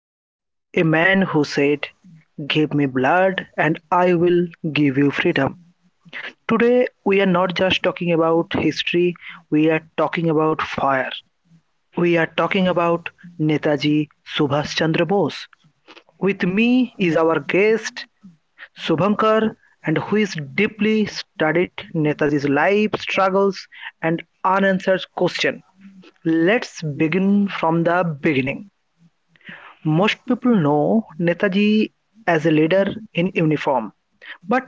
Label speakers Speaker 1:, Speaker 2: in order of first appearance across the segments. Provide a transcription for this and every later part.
Speaker 1: eyes. A man who said, "Give me blood and I will give you freedom." Today, we are not just talking about history, we are talking about fire. We are talking about Netaji Subhash Chandra Bose. With me is our guest Subhankar, and who is deeply studied Netaji's life, struggles, and unanswered question. Let's begin from the beginning. Most people know Netaji as a leader in uniform, but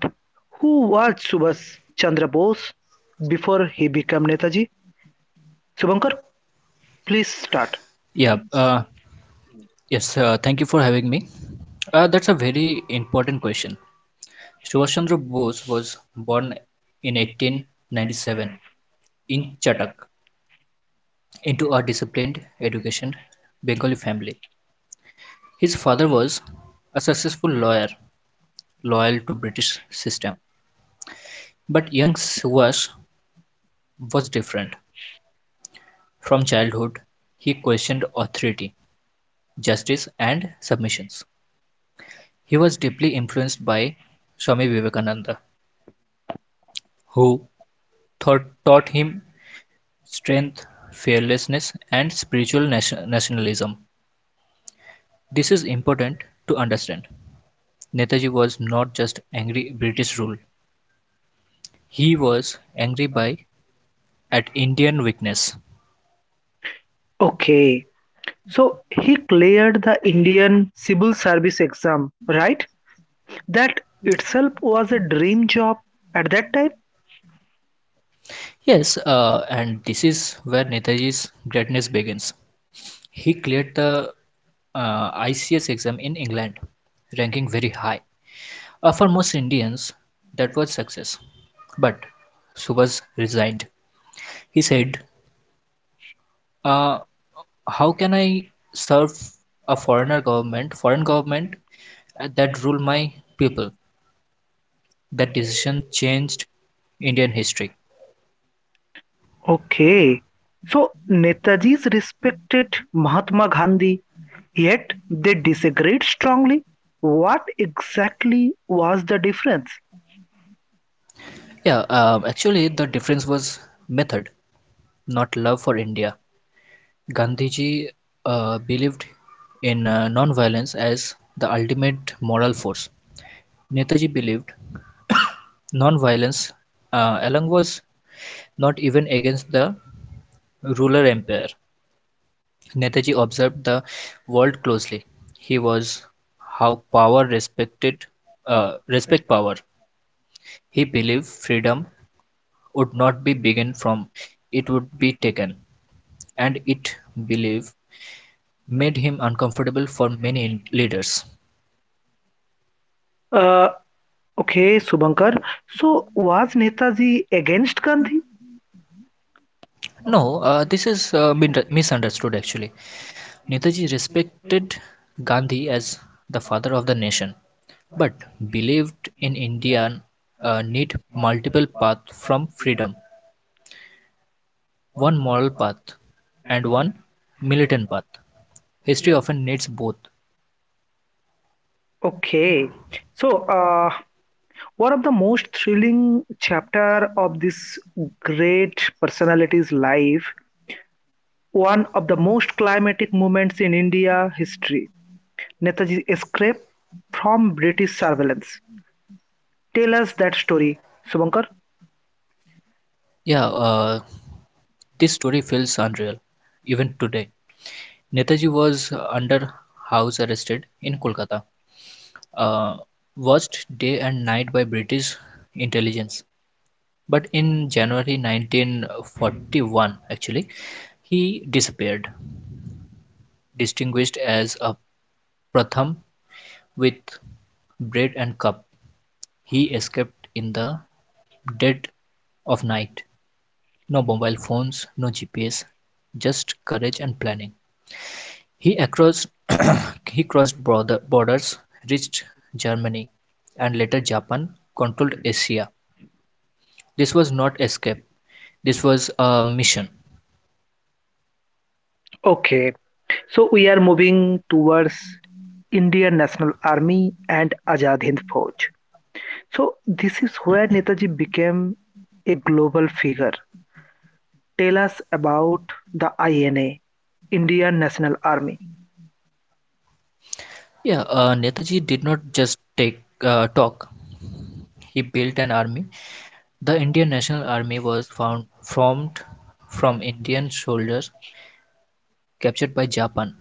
Speaker 1: who was Subhas Chandra Bose before he became Netaji? Subhankar, please start.
Speaker 2: Yeah, uh, yes, Thank you for having me. That's a very important question. Subhash Chandra Bose was born in 1897 in Chatak into a disciplined education Bengali family. His father was a successful lawyer loyal to British system. But young Subhash was different. From childhood, he questioned authority, justice and submissions. He was deeply influenced by Swami Vivekananda, who taught him strength, fearlessness, and spiritual nationalism. This is important to understand. Netaji was not just angry at British rule; he was angry by at Indian weakness.
Speaker 1: Okay, so he cleared the Indian Civil Service exam, right? That itself was a dream job at that time?
Speaker 2: Yes, and this is where Netaji's greatness begins. He cleared the ICS exam in England, ranking very high. For most Indians, that was success. But Subhas resigned. He said, uh, how can I serve foreign government that rule my people? That decision changed Indian history.
Speaker 1: Okay. So Netaji's respected Mahatma Gandhi, yet they disagreed strongly. What exactly was the difference?
Speaker 2: Yeah, Actually, the difference was method, not love for India. Gandhiji believed in non-violence as the ultimate moral force. Netaji believed non-violence along was not even against the ruler empire. Netaji observed the world closely; he was how power respected respect power. He believed freedom would not be begun from, it would be taken, and it belief made him uncomfortable for leaders.
Speaker 1: Uh, okay, Subankar. So was Netaji against Gandhi?
Speaker 2: No, this is misunderstood actually. Netaji respected Gandhi as the father of the nation, but believed in India need multiple paths from freedom, one moral path and one militant path. History often needs both.
Speaker 1: Okay. So one of the most thrilling chapter of this great personality's life, one of the most climatic moments in India history. Netaji's escape from British surveillance. Tell us that story, Subankar.
Speaker 2: Yeah, uh, this story feels unreal, even today. Netaji was under house arrested in Kolkata, uh, watched day and night by British intelligence. But in January 1941, actually, he disappeared, distinguished as a Pratham with bread and cup. He escaped in the dead of night. No mobile phones, no GPS, just courage and planning. He across he crossed borders, reached Germany, and later Japan, controlled Asia. This was not escape. This was a mission.
Speaker 1: Okay, so we are moving towards Indian National Army and Azad Hind Fauj. So this is where Netaji became a global figure. Tell us about the INA, Indian National Army.
Speaker 2: Yeah, Netaji did not just take talk. He built an army. The Indian National Army was found formed from Indian soldiers captured by Japan,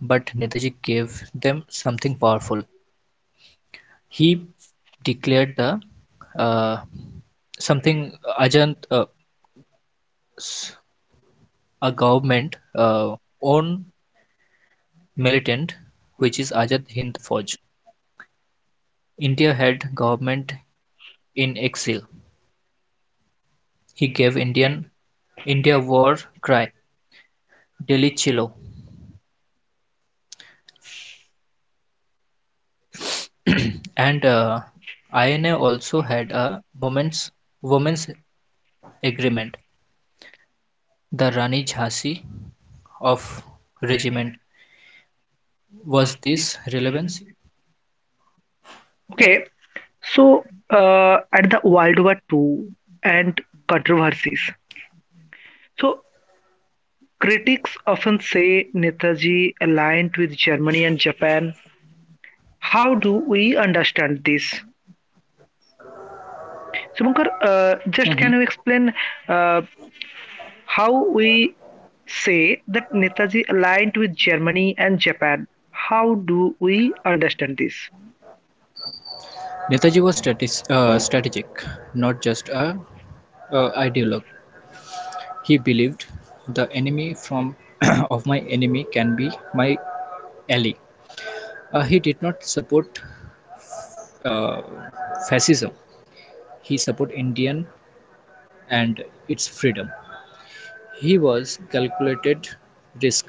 Speaker 2: but Netaji gave them something powerful. He declared the uh, something Ajant uh, s- a government own militant, which is Ajat Hind Fauj. India had government in exile. He gave India war cry Delhi Chilo, and INA also had a women's agreement. The Rani Jhansi of regiment was this relevance?
Speaker 1: Okay, so at the World War II and controversies. So critics often say Netaji aligned with Germany and Japan. How do we understand this? Subankar, just can you
Speaker 2: Mhm.
Speaker 1: explain uh, how we say that Netaji aligned with Germany and Japan? How do we understand this?
Speaker 2: Netaji was strategic, not just a ideologue. He believed the enemy from of my enemy can be my ally. He did not support uh, fascism. He supported Indian and its freedom. He was calculated risk.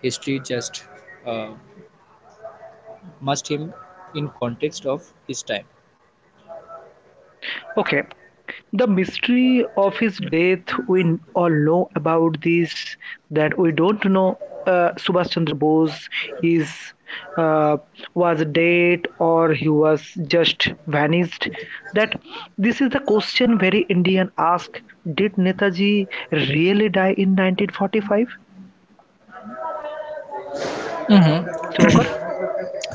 Speaker 2: History just uh, must him in context of his time.
Speaker 1: Okay. The mystery of his death, we all know about this, that we don't know Subhash Chandra Bose is uh, was dead or he was just vanished. That this is the question very Indian ask: did Netaji really die in 1945?
Speaker 2: Mhm.
Speaker 1: Subankar.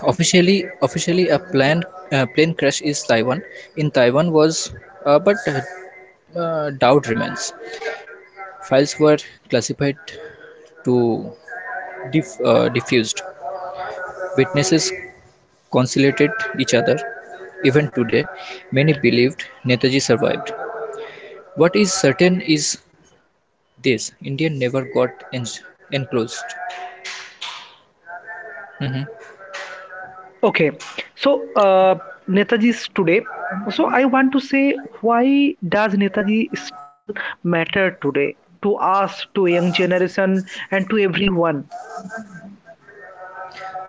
Speaker 2: Officially a planned plane crash is Taiwan. In Taiwan was, but doubt remains. Files were classified to diffused. Witnesses conciliated each other. Even today, many believed Netaji survived. What is certain is this: India never got enclosed. Mhm.
Speaker 1: Okay. So, Netaji's today. So, I want to say, why does Netaji still matter today to us, to young generation, and to everyone?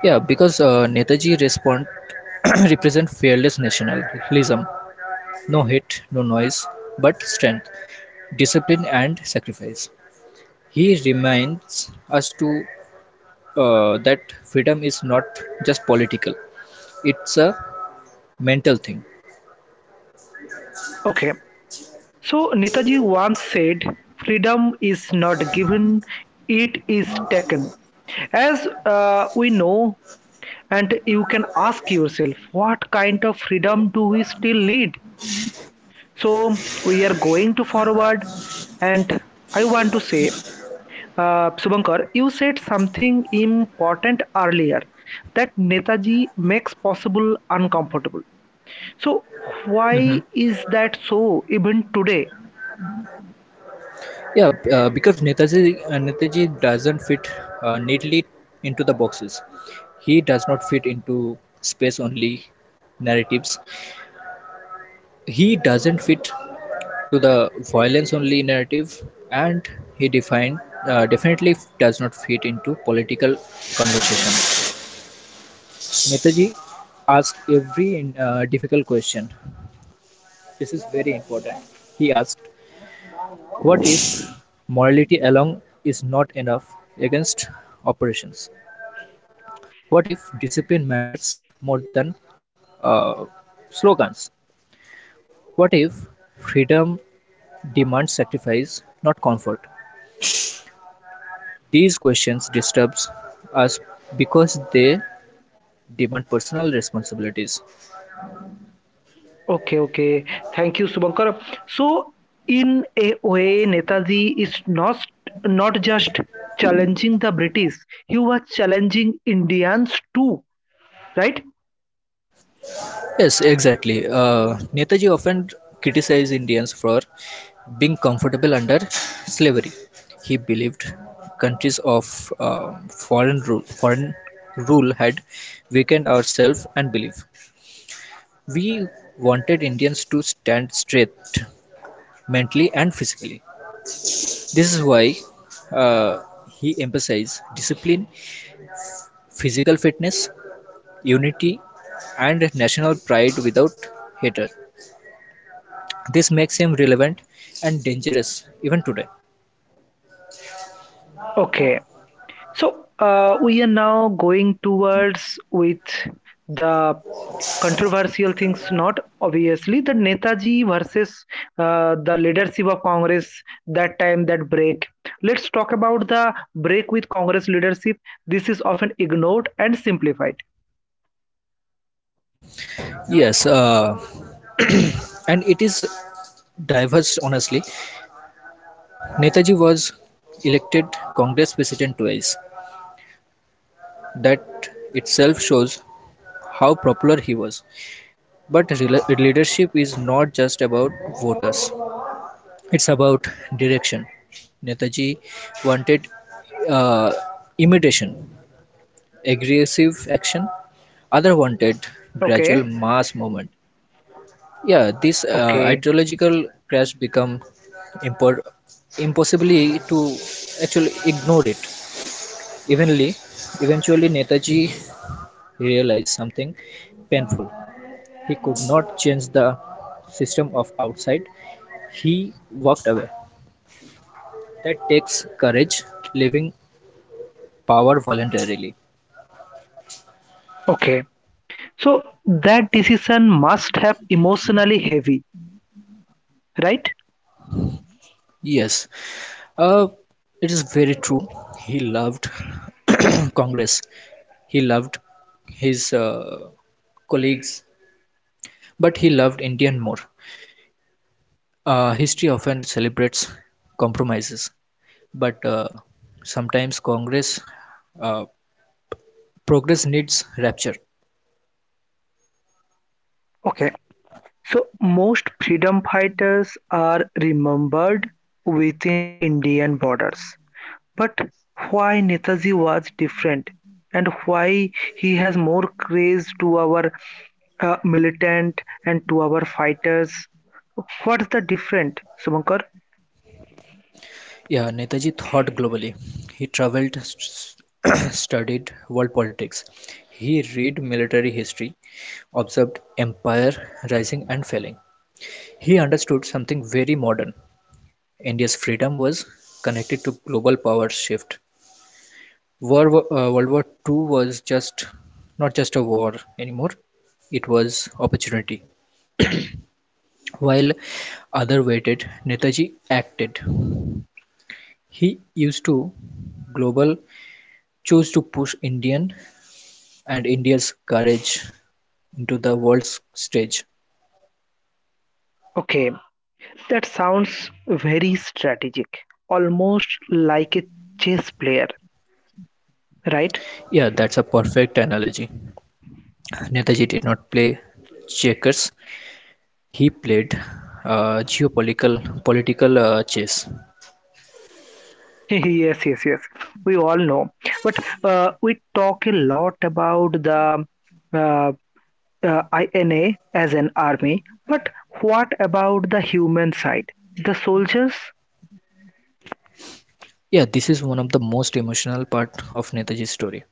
Speaker 2: Yeah, because Netaji respond represent fearless nationalism. No hit, no noise, but strength, discipline and sacrifice. He reminds us to that freedom is not just political; it's a mental thing.
Speaker 1: Okay. So, Netaji once said, "freedom is not given, it is taken." As we know, and you can ask yourself, what kind of freedom do we still need? So, we are going to forward, and I want to say, Subhankar, you said something important earlier that Netaji makes possible uncomfortable. So,
Speaker 2: Hmm
Speaker 1: why is that so even today?
Speaker 2: Yeah, b- because Netaji Netaji doesn't fit neatly into the boxes. He does not fit into space only narratives. He doesn't fit to the violence-only narrative, and he definitely does not fit into political conversation. Netaji asked every difficult question. This is very important. He asked, "What if morality alone is not enough against operations? What if discipline matters more than uh, slogans? What if freedom demands sacrifice, not comfort? These questions disturb us because they demand personal responsibilities.
Speaker 1: Okay, okay. Thank you, Subhankar. So, in a way, Netaji is not just challenging the British, he was challenging Indians too, right?
Speaker 2: Yes, exactly. Netaji often criticized Indians for being comfortable under slavery. He believed countries of foreign rule had weakened our self and belief. We wanted Indians to stand straight mentally and physically. This is why uh, he emphasized discipline, physical fitness, unity and national pride without hatred. This makes him relevant and dangerous even today.
Speaker 1: Okay. So we are now going towards with the controversial things. Not obviously the Netaji versus the leadership of Congress that time that break. Let's talk about the break with Congress leadership. This is often ignored and simplified.
Speaker 2: Yes, and it is diverse, honestly. Netaji was elected Congress president twice. That itself shows how popular he was. But leadership is not just about voters, it's about direction. Netaji wanted uh, imitation, aggressive action, Other wanted gradual
Speaker 1: Okay,
Speaker 2: mass movement. Yeah, this
Speaker 1: okay,
Speaker 2: ideological crash become impor- impossibly to actually ignore it. Evenly, eventually Netaji realized something painful. He could not change the system of outside. He walked away. That takes courage, leaving power voluntarily.
Speaker 1: okay. So that decision must have emotionally heavy, right?
Speaker 2: Yes, uh, it is very true. He loved Congress, he loved his colleagues, but he loved Indian more. History often celebrates compromises, but sometimes Congress uh, progress needs rapture.
Speaker 1: Okay. So, most freedom fighters are remembered within Indian borders. But why Netaji was different and why he has more craze to our militant and to our fighters? What's the different, Subankar?
Speaker 2: Yeah, Netaji thought globally. He traveled, st- studied world politics. He read military history, observed empire rising and falling. He understood something very modern. India's freedom was connected to global power shift. World War Two was just not just a war anymore; it was opportunity. While others waited, Netaji acted. He used to global chose to push Indian and India's courage into the world's stage.
Speaker 1: Okay, that sounds very strategic, almost like a chess player, right?
Speaker 2: Yeah, that's a perfect analogy. Netaji did not play checkers; he played geopolitical political chess.
Speaker 1: Yes, yes, yes, we all know, but we talk a lot about the uh, uh, INA as an army, but what about the human side, the soldiers?
Speaker 2: Yeah, this is one of the most emotional part of Netaji's story.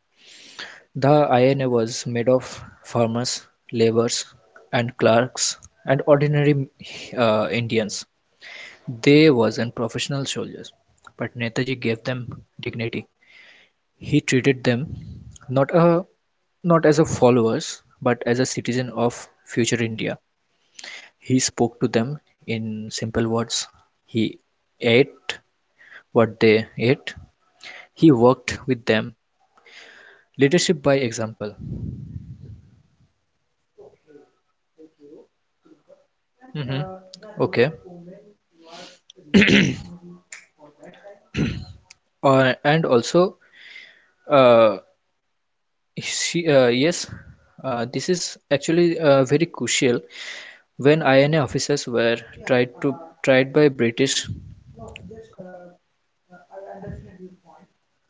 Speaker 2: The INA was made of farmers, laborers and clerks and ordinary Indians. They weren't professional soldiers, but Netaji gave them dignity. He treated them not a not as a followers but as a citizen of future India. He spoke to them in simple words. He ate what they ate. He worked with them. Leadership by example. Mhm. Okay. Uh, and also, uh, yes, this is actually very crucial when INA officers were tried to tried by British.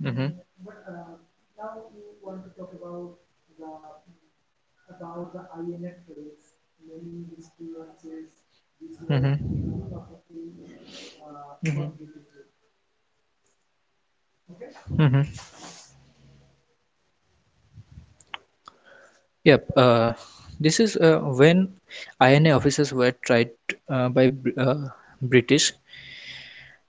Speaker 2: Hmm hmm hmm hmm Yep. This is when INA officers were tried by British.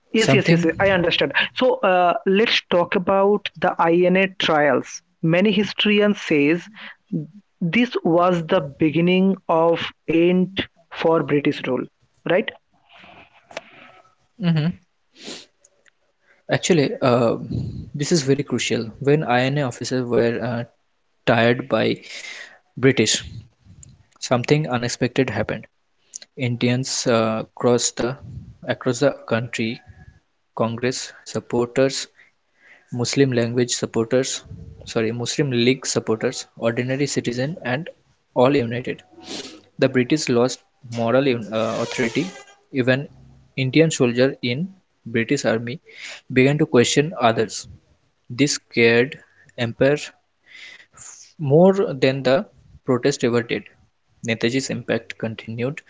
Speaker 1: Yes, yes, yes,
Speaker 2: Something.
Speaker 1: I understand. So let's talk about the INA trials. Many historians says this was the beginning of end for British rule, right?
Speaker 2: Hmm Actually, this is very crucial when INA officers were tired by British. Something unexpected happened: Indians across the country, Congress supporters, Muslim language supporters, Muslim League supporters, ordinary citizen, and all united. The British lost moral authority. Even Indian soldiers in British army began to question others. This scared empire more than the protest ever did. Netaji's impact continued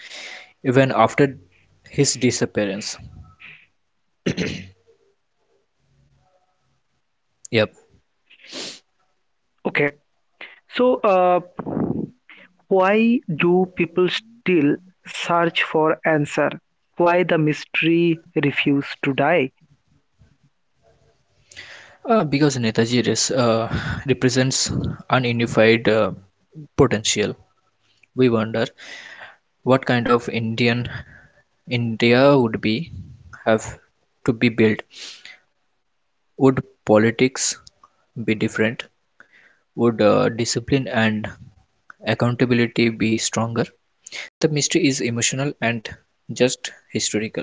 Speaker 2: even after his disappearance. Yep.
Speaker 1: Okay, so uh, why do people still search for answer? Why the mystery refuse to die?
Speaker 2: Because Netaji represents ununified potential, we wonder what kind of India would be have to be built. Would politics be different? Would discipline and accountability be stronger? The mystery is emotional and just historical.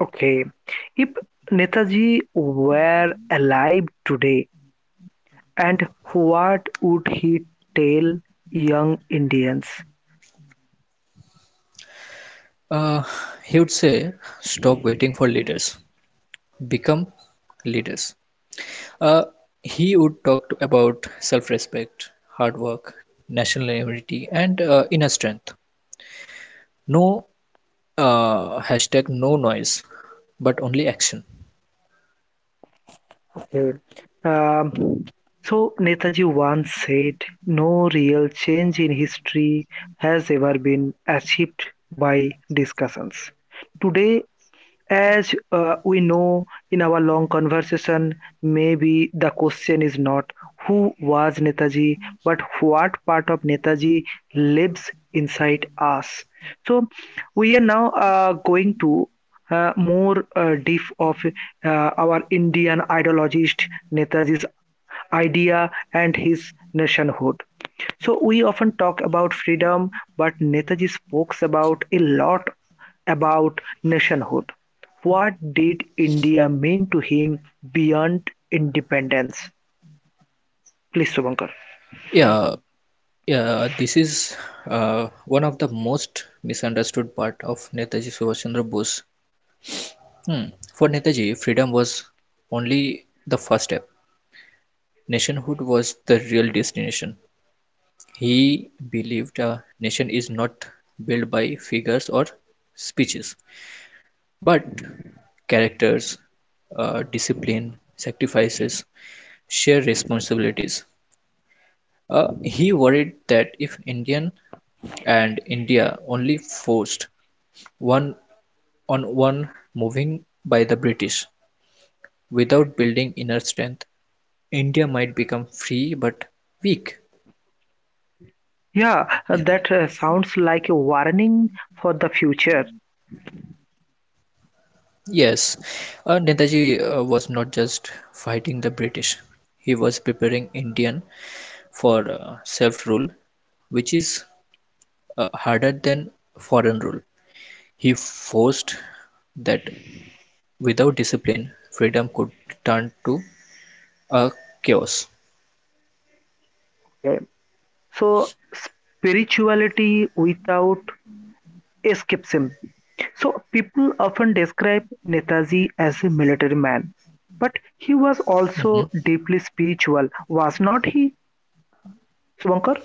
Speaker 1: Okay, if Netaji were alive today, and what would he tell young Indians?
Speaker 2: Uh, he would say, stop waiting for leaders, become leaders. Uh, he would talk about self respect, hard work, national unity, and inner strength. No hashtag, no noise, but only action.
Speaker 1: Okay. Um, so Netaji once said, "No real change in history has ever been achieved by discussions." Today, as we know in our long conversation, maybe the question is not who was Netaji, but what part of Netaji lives inside us. So we are now going to more deep of our Indian ideologist Netaji's idea and his nationhood. So we often talk about freedom, but Netaji spoke about a lot about nationhood. What did India mean to him beyond independence? Please, Subankar.
Speaker 2: Yeah, yeah, this is one of the most misunderstood part of Netaji Subhash Chandra Bose. Hmm. For Netaji, freedom was only the first step. Nationhood was the real destination. He believed a nation is not built by figures or speeches, but characters, discipline, sacrifices, shared responsibilities. He worried that if Indian and India only forced one on one moving by the British without building inner strength, India might become free but weak.
Speaker 1: Yeah, that sounds like a warning for the future.
Speaker 2: Yes, Netaji was not just fighting the British, he was preparing Indian for self rule, which is harder than foreign rule. He forced that without discipline, freedom could turn to a chaos.
Speaker 1: Yeah. So, spirituality without escapism. So, people often describe Netaji as a military man, but he was
Speaker 2: Mhm.
Speaker 1: also deeply spiritual, was not he, Subankar?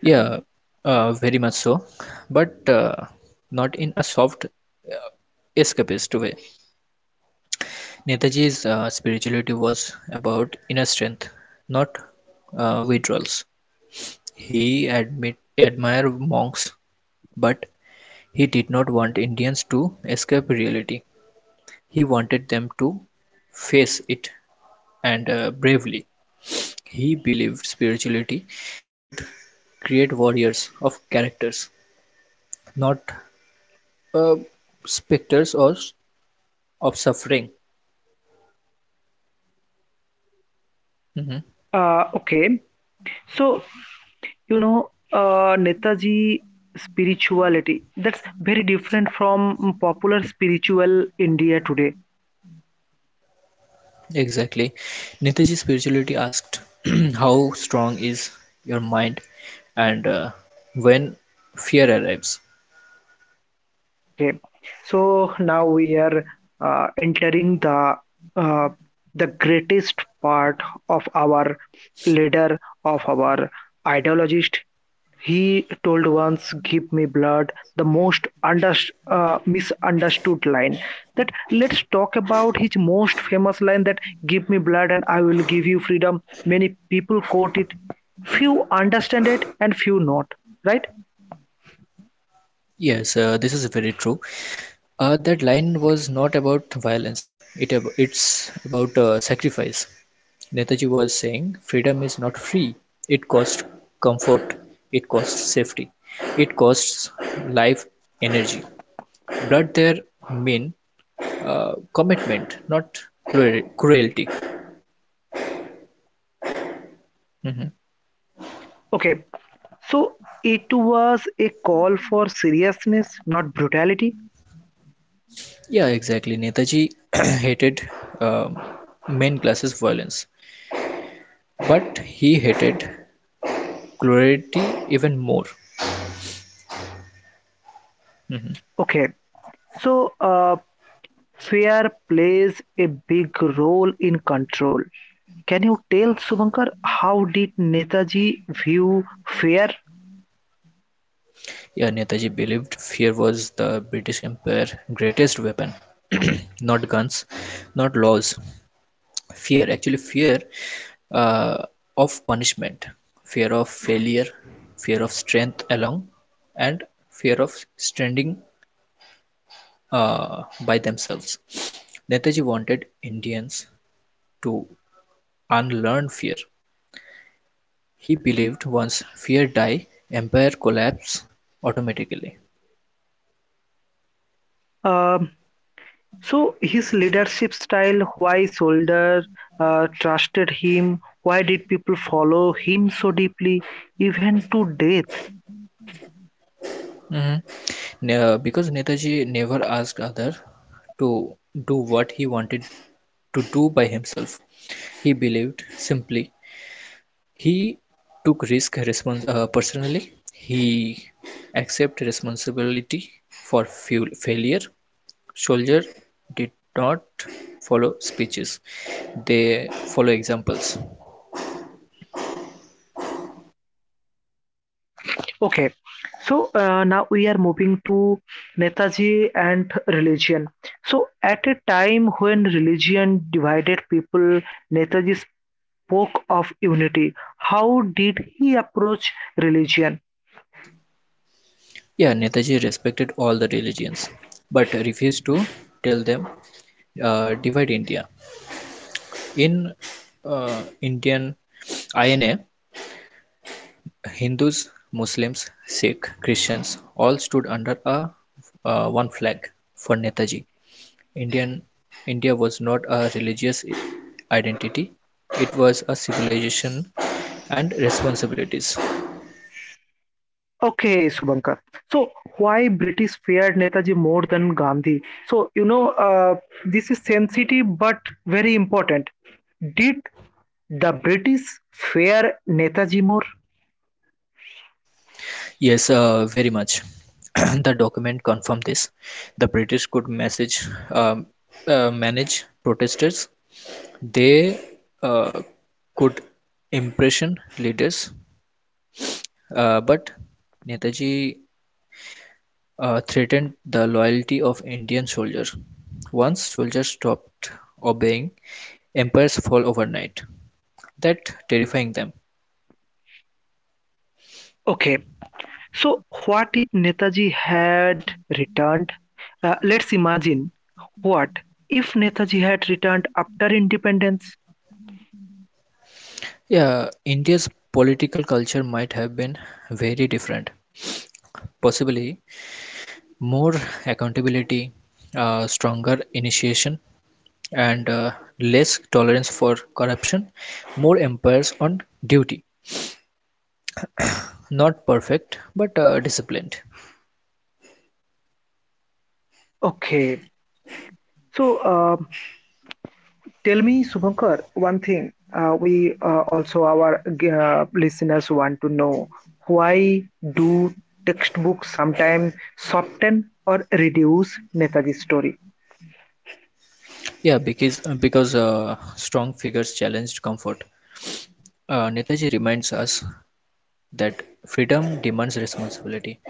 Speaker 2: Yeah, very much so, but not in a soft escapist way. Netaji's spirituality was about inner strength, not withdrawals. He admit admired monks, but he did not want Indians to escape reality. He wanted them to face it and bravely. He believed spirituality should create warriors of characters, not uh, specters or of suffering. Mhm.
Speaker 1: Okay, so Netaji spirituality, that's very different from popular spiritual India today.
Speaker 2: Exactly. Netaji spirituality asked, "How strong is your mind, and when fear arrives?"
Speaker 1: Okay, so now we are entering the uh, the greatest part of our leader, of our ideologist. He told once, "Give me blood," the most misunderstood line. That let's talk about his most famous line that "Give me blood and I will give you freedom." Many people quote it, few understand it and few not. Right?
Speaker 2: Yes, this is very true. That line was not about violence. It's about sacrifice. Netaji was saying, freedom is not free, it costs comfort, it costs safety, it costs life energy. But there mean commitment, not cruelty. Mhm.
Speaker 1: Okay. So it was a call for seriousness, not brutality.
Speaker 2: Yeah, exactly. Netaji hated um main classes violence, but he hated cruelty even more. Mhm.
Speaker 1: Okay. So fear plays a big role in control. Can you tell Subankar how did Netaji view fear?
Speaker 2: Yeah, Netaji believed fear was the British Empire greatest weapon, not guns, not laws, fear uh, of punishment, fear of failure, fear of strength alone, and fear of standing uh, by themselves. Netaji wanted Indians to unlearn fear. He believed once fear die, empire collapse automatically.
Speaker 1: Um, so his leadership style, why soldiers trusted him, why did people follow him so deeply, even to death?
Speaker 2: Mhm. Because netaji never asked other to do what he wanted to do by himself. He believed simply. He took risk personally. He accepted responsibility for fuel failure. Soldier did not follow speeches; they follow examples.
Speaker 1: Okay, so now we are moving to Netaji and religion. So at a time when religion divided people, Netaji's spoke of unity. How did he approach religion?
Speaker 2: Yeah, Netaji respected all the religions, but refused to tell them divide India. In Indian INA, Hindus, Muslims, Sikh, Christians all stood under a one flag for Netaji. Indian India was not a religious identity, it was a civilization and responsibilities.
Speaker 1: Okay, Subankar. So, why British feared Netaji more than Gandhi? So, this is sensitive but very important. Did the British fear Netaji more?
Speaker 2: Yes, very much. The document confirmed this. The British could um, manage protesters. They uh, could impression leaders, but Netaji threatened the loyalty of Indian soldiers. Once soldiers stopped obeying, empires fall overnight. That terrifying them.
Speaker 1: Okay, so what if Netaji had returned? Let's imagine what if Netaji had returned after independence?
Speaker 2: Yeah, India's political culture might have been very different, possibly more accountability, stronger initiation, and less tolerance for corruption, more empires on duty. Not perfect, but disciplined.
Speaker 1: Okay, so tell me, Subankar, one thing. We also our listeners want to know why do textbooks sometimes soften or reduce Netaji's story?
Speaker 2: Yeah, because strong figures challenged comfort. Netaji reminds us that freedom demands responsibility.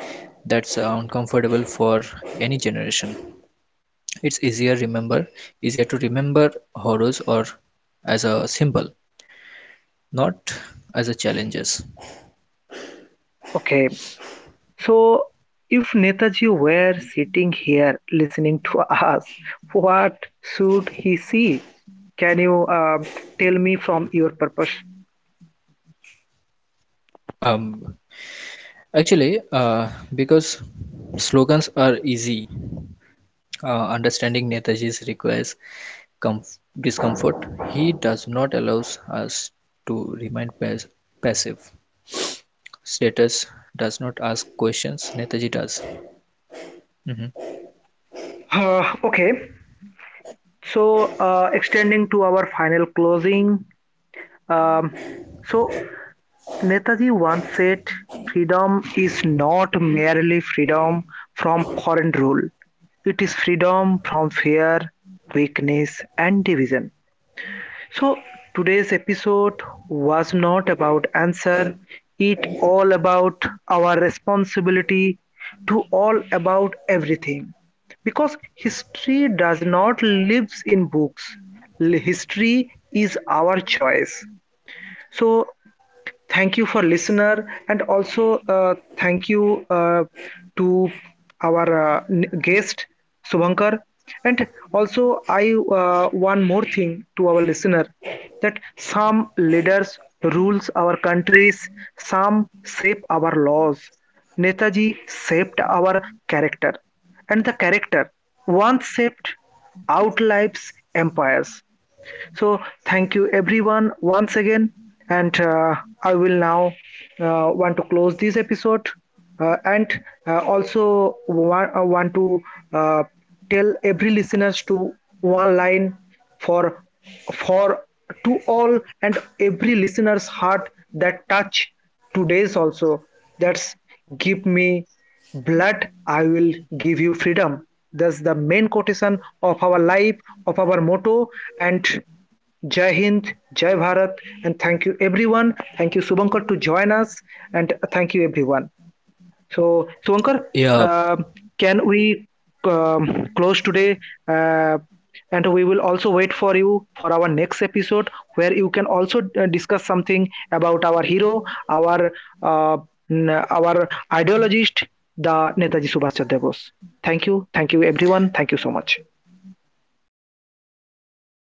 Speaker 2: That's uncomfortable for any generation. It's easier to remember horrors or as a symbol, not as a challenges.
Speaker 1: Okay, so if Netaji were sitting here listening to us, what should he see? Can you tell me from your purpose?
Speaker 2: Um, Actually, because slogans are easy, understanding Netaji's requires discomfort. He does not allows us to remain passive. Status does not ask questions. Netaji does. Mhm.
Speaker 1: Okay, so extending to our final closing, Um, so, Netaji once said, "freedom is not merely freedom from foreign rule, it is freedom from fear, weakness, and division." So, today's episode was not about answer, it all about our responsibility to all about everything. Because history does not lives in books, history is our choice. So, thank you for listener, and also thank you to our guest Subhankar, and also I one more thing to our listener, that some leaders rules our countries, some shape our laws. Netaji shaped our character, and the character once shaped outlives empires. So, thank you everyone once again, and I will now want to close this episode and also want to uh, tell every listeners to one line for for to all and every listener's heart that touch today's also, that's, "Give me blood, I will give you freedom." That's the main quotation of our life, of our motto. And Jai Hind, Jai Bharat, and thank you everyone. Thank you Subankar to join us, and thank you everyone. So, Swankar,
Speaker 2: Yeah.
Speaker 1: uh, can we close today? Uh, and we will also wait for you for our next episode where you can also discuss something about our hero, our uh, our ideologist, the Netaji Subhash Chandra Bose. Thank you, everyone. Thank you so much.
Speaker 2: Yes. Thank you, Ritik.